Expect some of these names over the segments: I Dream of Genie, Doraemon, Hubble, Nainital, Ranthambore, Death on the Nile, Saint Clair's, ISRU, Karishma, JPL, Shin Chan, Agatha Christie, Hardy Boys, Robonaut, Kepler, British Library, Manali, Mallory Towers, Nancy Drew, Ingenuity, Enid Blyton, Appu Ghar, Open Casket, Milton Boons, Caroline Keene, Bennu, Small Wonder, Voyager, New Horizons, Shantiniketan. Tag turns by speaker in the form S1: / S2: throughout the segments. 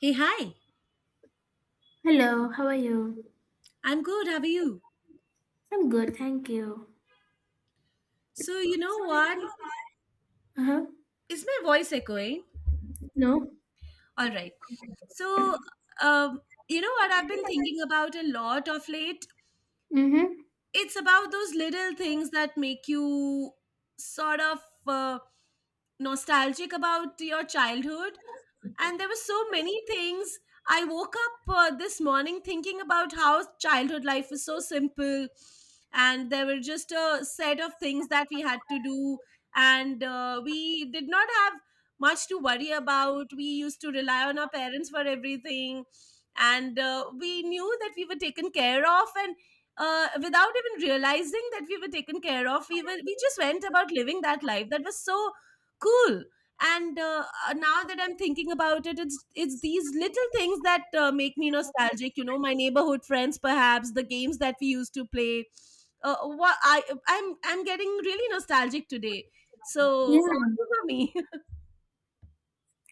S1: Hey, hi.
S2: Hello, how are you?
S1: I'm good. How are you?
S2: I'm good, thank you.
S1: So, you know what?
S2: Uh-huh.
S1: Is my voice echoing?
S2: No?
S1: All right. So, um, you know what I've been thinking about a lot of late?
S2: Mm-hmm.
S1: It's about those little things that make you sort of uh, nostalgic about your childhood. And there were so many things. I woke up this morning thinking about how childhood life was so simple, and there were just a set of things that we had to do, and we did not have much to worry about. We used to rely on our parents for everything, and we knew that we were taken care of, and without even realizing that we were taken care of, we just went about living that life that was so cool. And now that I'm thinking about it, it's these little things that make me nostalgic, you know, my neighborhood friends, perhaps the games that we used to play. What I I'm getting really nostalgic today. So
S2: Yeah,
S1: those are me.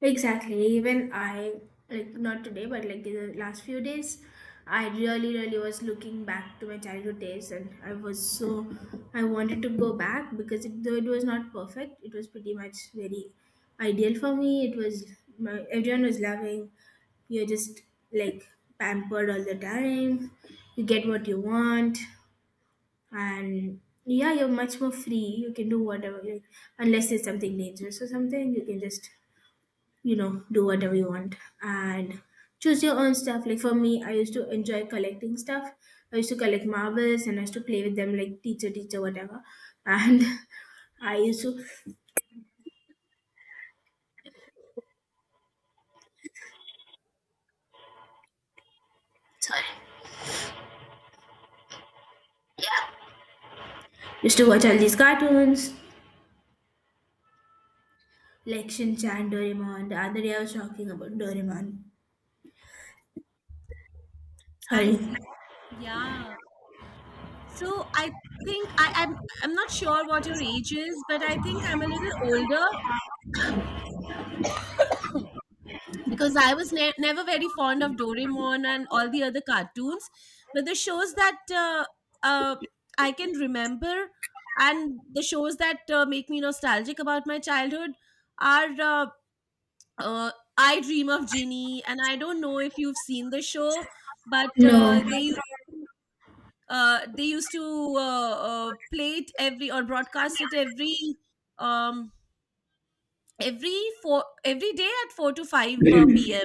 S2: exactly. Even I, like, not today, but like the last few days, I really, really was looking back to my childhood days and I was so, I wanted to go back because, it, though it was not perfect, it was pretty much very ideal for me. It was, everyone was loving. You're just like pampered all the time. You get what you want, and yeah, you're much more free. You can do whatever, like, unless it's something dangerous or something, you can just do whatever you want and choose your own stuff. Like for me, I used to enjoy collecting stuff. I used to collect marbles and I used to play with them like teacher, teacher, whatever. And I used to, sorry, used to watch all these cartoons like Shin Chan, Doraemon. The other day I was talking about Doraemon.
S1: I
S2: Sorry.
S1: see. Yeah, so I think I'm not sure what your age is, but I think I'm a little older, because I was never very fond of Doraemon and all the other cartoons, but the shows that uh, I can remember, and the shows that make me nostalgic about my childhood are uh, I Dream of Ginny. And I don't know if you've seen the show, but
S2: No.
S1: to, they used to play it every, or broadcast it um, every four every day at four to five p.m.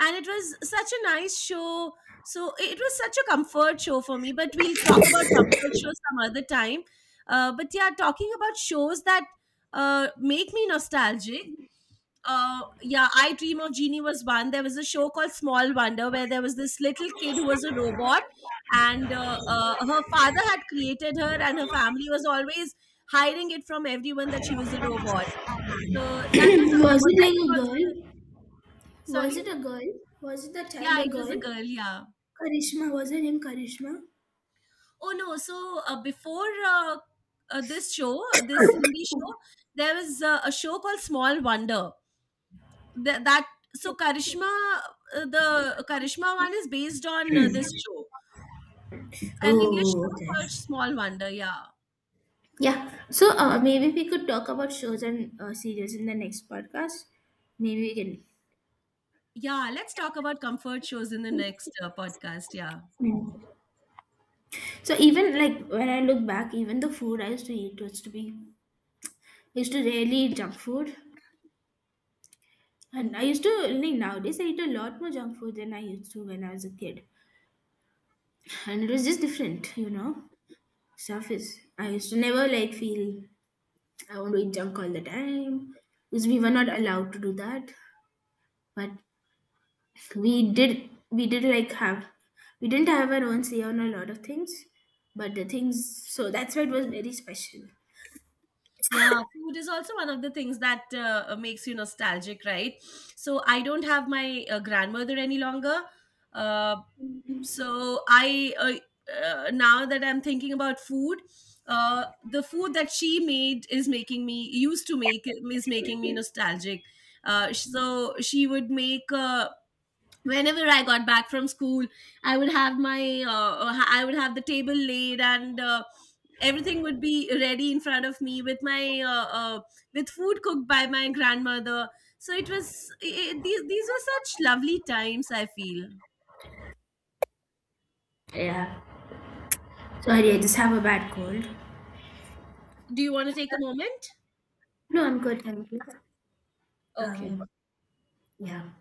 S1: And it was such a nice show, so it was such a comfort show for me, but we'll talk about comfort shows some other time. But yeah, talking about shows that make me nostalgic, yeah, I Dream of Genie was one. There was a show called Small Wonder, where there was this little kid who was a robot, and her father had created her, and her family was always hiding it from everyone that she was a robot. So that was a,
S2: Was it
S1: that was
S2: like a
S1: also,
S2: girl?
S1: sorry.
S2: Was it a girl? Was the child
S1: Yeah,
S2: a
S1: it was a
S2: girl?
S1: girl, yeah.
S2: Karishma, was her name Karishma?
S1: Oh no! So before this show, this Hindi show, there was a show called Small Wonder. That, so Karishma, the Karishma one is based on this show, an English
S2: Oh,
S1: show
S2: okay.
S1: called Small Wonder. Yeah,
S2: Yeah. So maybe we could talk about shows and series in the next podcast. Maybe we can.
S1: yeah. Let's talk about comfort shows in the next podcast. Yeah.
S2: Hmm. So even like when I look back, even the food I used to eat was to be I used to rarely eat junk food, and I used to like nowadays I eat a lot more junk food than I used to when I was a kid, and it was just different. Stuff is, I used to never like feel I want to eat junk all the time because we were not allowed to do that. But we did like have, we didn't have our own say on a lot of things. But the things, so that's why it was very special.
S1: Yeah, food is also one of the things that makes you nostalgic, right? So I don't have my grandmother any longer. Uh, so I now that I'm thinking about food, uh, the food that she made is making me, used to make, is making me nostalgic. So she would make whenever I got back from school, I would have my I would have the table laid, and everything would be ready in front of me with my with food cooked by my grandmother. So it was, these were such lovely times, I feel.
S2: Yeah. Sorry, I just have a bad cold.
S1: Do you want to take a moment?
S2: No, I'm good, thank you.
S1: Okay.
S2: Um, yeah.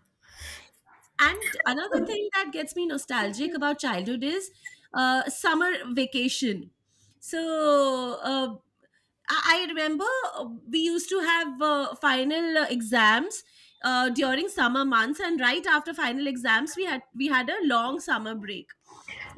S1: And another thing that gets me nostalgic about childhood is summer vacation. So uh, I remember we used to have final exams during summer months, and right after final exams, we had a long summer break.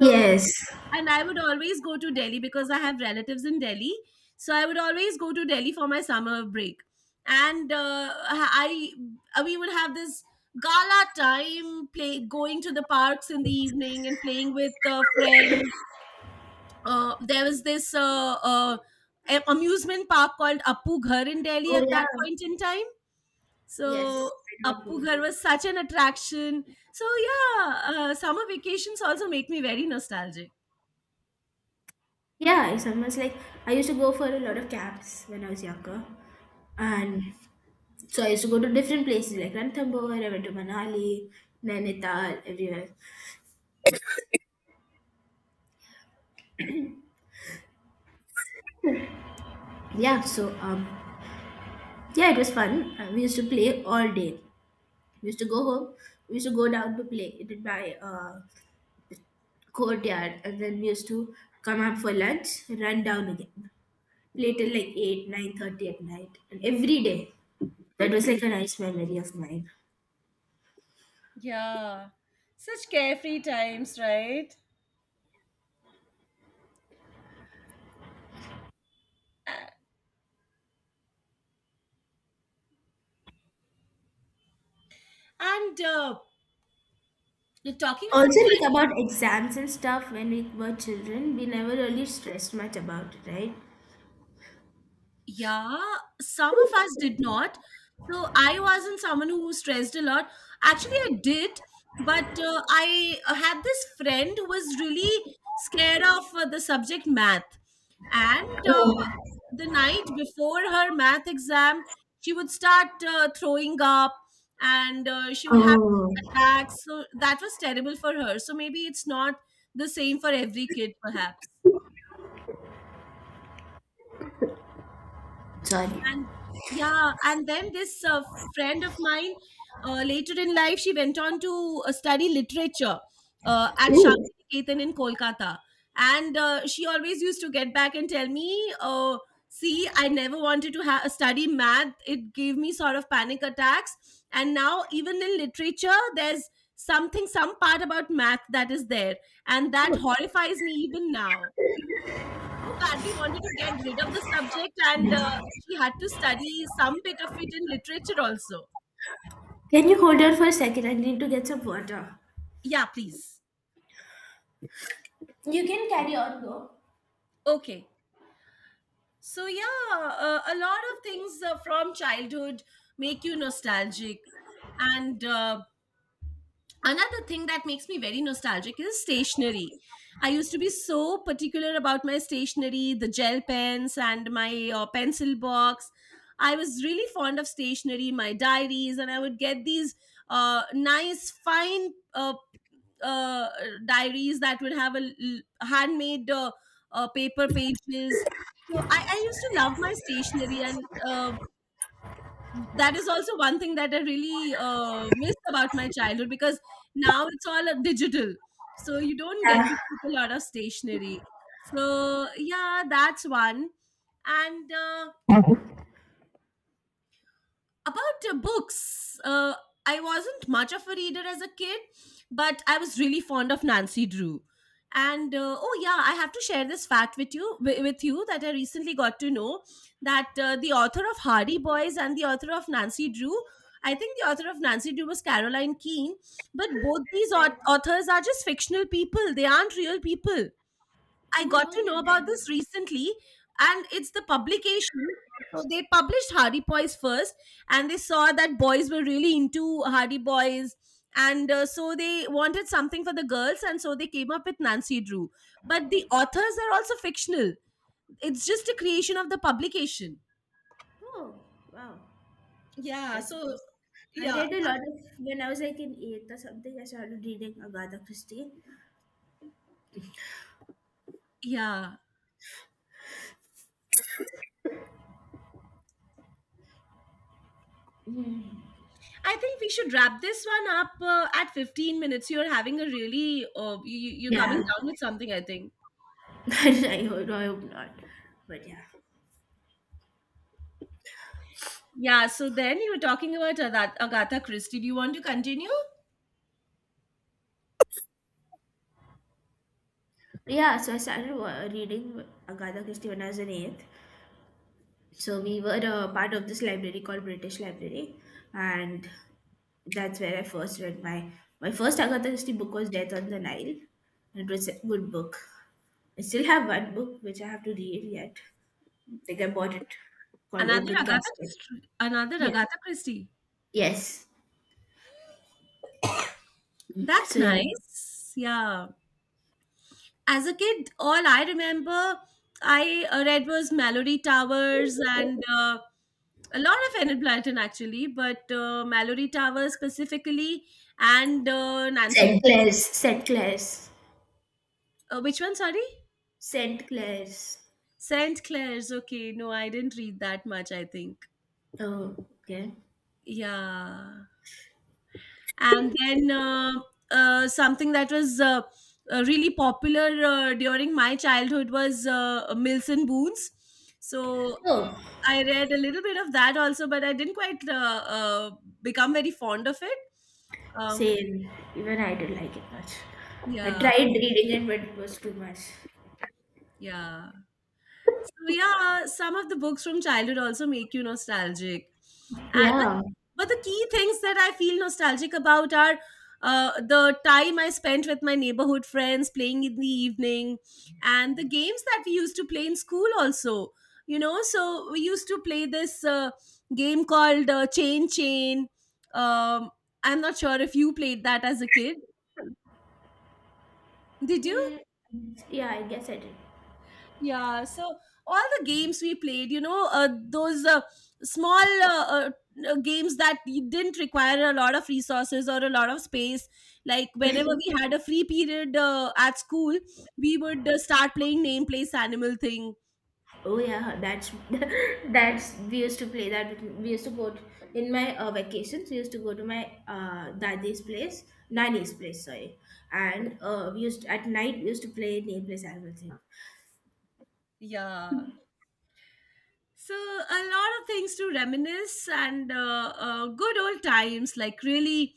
S1: So, and I would always go to Delhi because I have relatives in Delhi. So I would always go to Delhi for my summer break, and we would have this gala time, play, going to the parks in the evening and playing with friends. There was this amusement park called Appu Ghar in Delhi
S2: Oh
S1: at
S2: yeah.
S1: that point in time. So
S2: Yes. I do not
S1: Appu
S2: Google.
S1: Ghar was such an attraction. So yeah, summer vacations also make me very nostalgic.
S2: Yeah, it's almost like I used to go for a lot of camps when I was younger, and so I used to go to different places like Ranthambore. I went to Manali, Nainital, everywhere. Yeah, so yeah, it was fun. We used to play all day. We used to go home. We used to go down to play in my courtyard, and then we used to come up for lunch, run down again, play till like 8, 9:30 at night, and every day. That was like a nice memory of mine.
S1: Yeah, such carefree times, right? And talking about.
S2: Also, like about exams and stuff when we were children, we never really stressed much about it, right?
S1: Yeah, some of us did not. So I wasn't someone who stressed a lot. Actually, I did, but I had this friend who was really scared of the subject math. And
S2: Oh,
S1: the night before her math exam, she would start throwing up, and she would have
S2: oh.
S1: attacks. So that was terrible for her. So maybe it's not the same for every kid, perhaps.
S2: Sorry.
S1: And yeah, and then this friend of mine, later in life, she went on to study literature at
S2: Ooh.
S1: Shantiniketan in Kolkata, and she always used to get back and tell me, uh, see, I never wanted to study math, it gave me sort of panic attacks, and now even in literature there's something, some part about math that is there, and that
S2: Oh.
S1: horrifies me even now. So badly wanted to get rid of the subject, and she had to study some bit of it in literature also.
S2: Can you hold on for a second? I need to get some water.
S1: Yeah, please.
S2: You can carry on, though.
S1: Okay. So, yeah, a lot of things from childhood make you nostalgic. And another thing that makes me very nostalgic is stationery. I used to be so particular about my stationery, the gel pens and my pencil box. I was really fond of stationery, my diaries, and I would get these nice fine uh, diaries that would have a handmade paper pages. So I used to love my stationery, and uh, that is also one thing that I really miss about my childhood, because now it's all digital. So you don't get
S2: Yeah.
S1: to keep a lot of stationery. So yeah, that's one. And about books, I wasn't much of a reader as a kid, but I was really fond of Nancy Drew. And oh yeah, I have to share this fact with you, with you, that I recently got to know that the author of Hardy Boys and the author of Nancy Drew, I think the author of Nancy Drew was Caroline Keene, but both these
S2: Right.
S1: authors are just fictional people, they aren't real people. I
S2: Who
S1: got
S2: wrote
S1: to know
S2: it
S1: about this
S2: then?
S1: recently, and it's the publication. So they published Hardy Boys first, and they saw that boys were really into Hardy Boys, and so they wanted something for the girls, and so they came up with Nancy Drew. But the authors are also fictional. It's just a creation of the publication.
S2: Oh, wow.
S1: Yeah,
S2: That's
S1: so
S2: nice. I
S1: yeah.
S2: read a lot of when I was like in eighth or something. I started reading Agatha Christie.
S1: Yeah, I think we should wrap this one up at 15 minutes. You're having a really, you're coming
S2: Yeah,
S1: down with something, I think.
S2: I hope not. But yeah,
S1: Yeah, so then you were talking about Agatha Christie. Do you want to continue?
S2: yeah. So I started reading Agatha Christie when I was in eighth. So we were a part of this library called British Library, and that's where I first read my first Agatha Christie book was Death on the Nile, and it was a good book. I still have one book which I have to read yet. Like I bought it called
S1: Another
S2: Open
S1: Agatha
S2: Casket.
S1: Christie. Another
S2: Yeah.
S1: Agatha Christie.
S2: Yes.
S1: That's
S2: So yeah.
S1: nice. Yeah. As a kid, all I remember, I read was Mallory Towers and a lot of Enid Blyton actually, but Mallory Towers specifically, and
S2: Saint
S1: Nancy.
S2: Clair's. Saint Clair's.
S1: Which one? Sorry,
S2: Saint Clair's.
S1: Saint Clair's. Okay, no, I didn't read that much, I think.
S2: Oh, okay.
S1: Yeah. And then something that was really popular during my childhood was Milton Boons. So
S2: Oh,
S1: I read a little bit of that also, but I didn't quite become very fond of it. Um,
S2: same. Even I didn't like it much. I
S1: yeah,
S2: tried reading it, but it was too much.
S1: yeah. So yeah, some of the books from childhood also make you nostalgic. And
S2: Yeah.
S1: but the key things that I feel nostalgic about are the time I spent with my neighborhood friends playing in the evening, and the games that we used to play in school also. You know, so we used to play this game called Chain Chain. Um, I'm not sure if you played that as a kid. Did you?
S2: Hmm. Yeah, I guess I did.
S1: Yeah, so all the games we played, you know, those small games that you didn't require a lot of resources or a lot of space. Like whenever we had a free period at school, we would start playing name place animal thing.
S2: Oh yeah, that's that's we used to play that. We used to go to, in my vacations. We used to go to my dadi's place, nani's place, sorry, and we used at night we used to play nameless and everything.
S1: Yeah. So a lot of things to reminisce and good old times. Like really,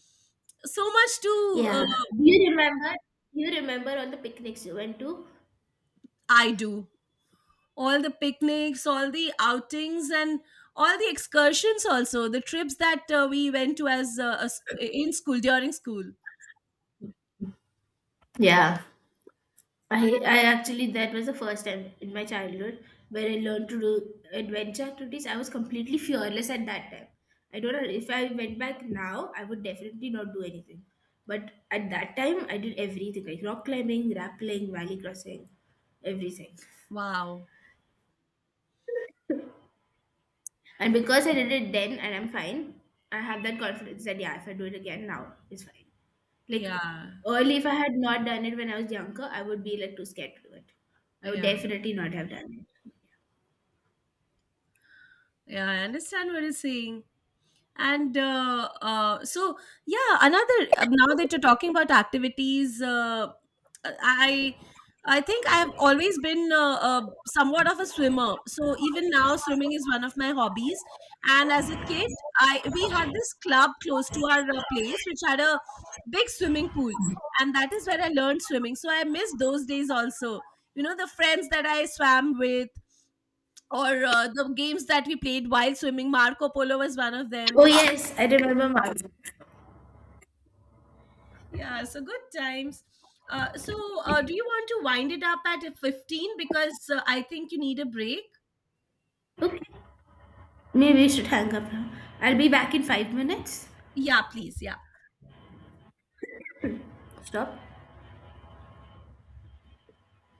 S1: so much to
S2: Yeah, do you remember? Do you remember all the picnics you went to?
S1: I do. All the picnics, all the outings, and all the excursions. Also, the trips that we went to as a in school during school.
S2: Yeah. I actually that was the first time in my childhood where I learned to do adventure activities. I was completely fearless at that time. I don't know if I went back now, I would definitely not do anything. But at that time, I did everything like rock climbing, rappelling, valley crossing, everything.
S1: Wow.
S2: And because I did it then and I'm fine, I have that confidence that yeah, if I do it again now, it's fine. Like
S1: Yeah.
S2: early, if I had not done it when I was younger, I would be like too scared to do it. I would
S1: Yeah.
S2: definitely not have done it.
S1: Yeah. I understand what you're saying. And so yeah, another now that you're talking about activities, i I think I've always been somewhat of a swimmer, so even now swimming is one of my hobbies. And as a kid, I we had this club close to our place, which had a big swimming pool, and that is where I learned swimming. So I miss those days also, you know, the friends that I swam with, or the games that we played while swimming. Marco Polo was one of them.
S2: Oh, yes, I remember Mark.
S1: Yeah, so good times. So, do you want to wind it up at 15 because I think you need a break?
S2: Okay, maybe we should hang up now. I'll be back in 5 minutes.
S1: Yeah, please. Yeah.
S2: Stop.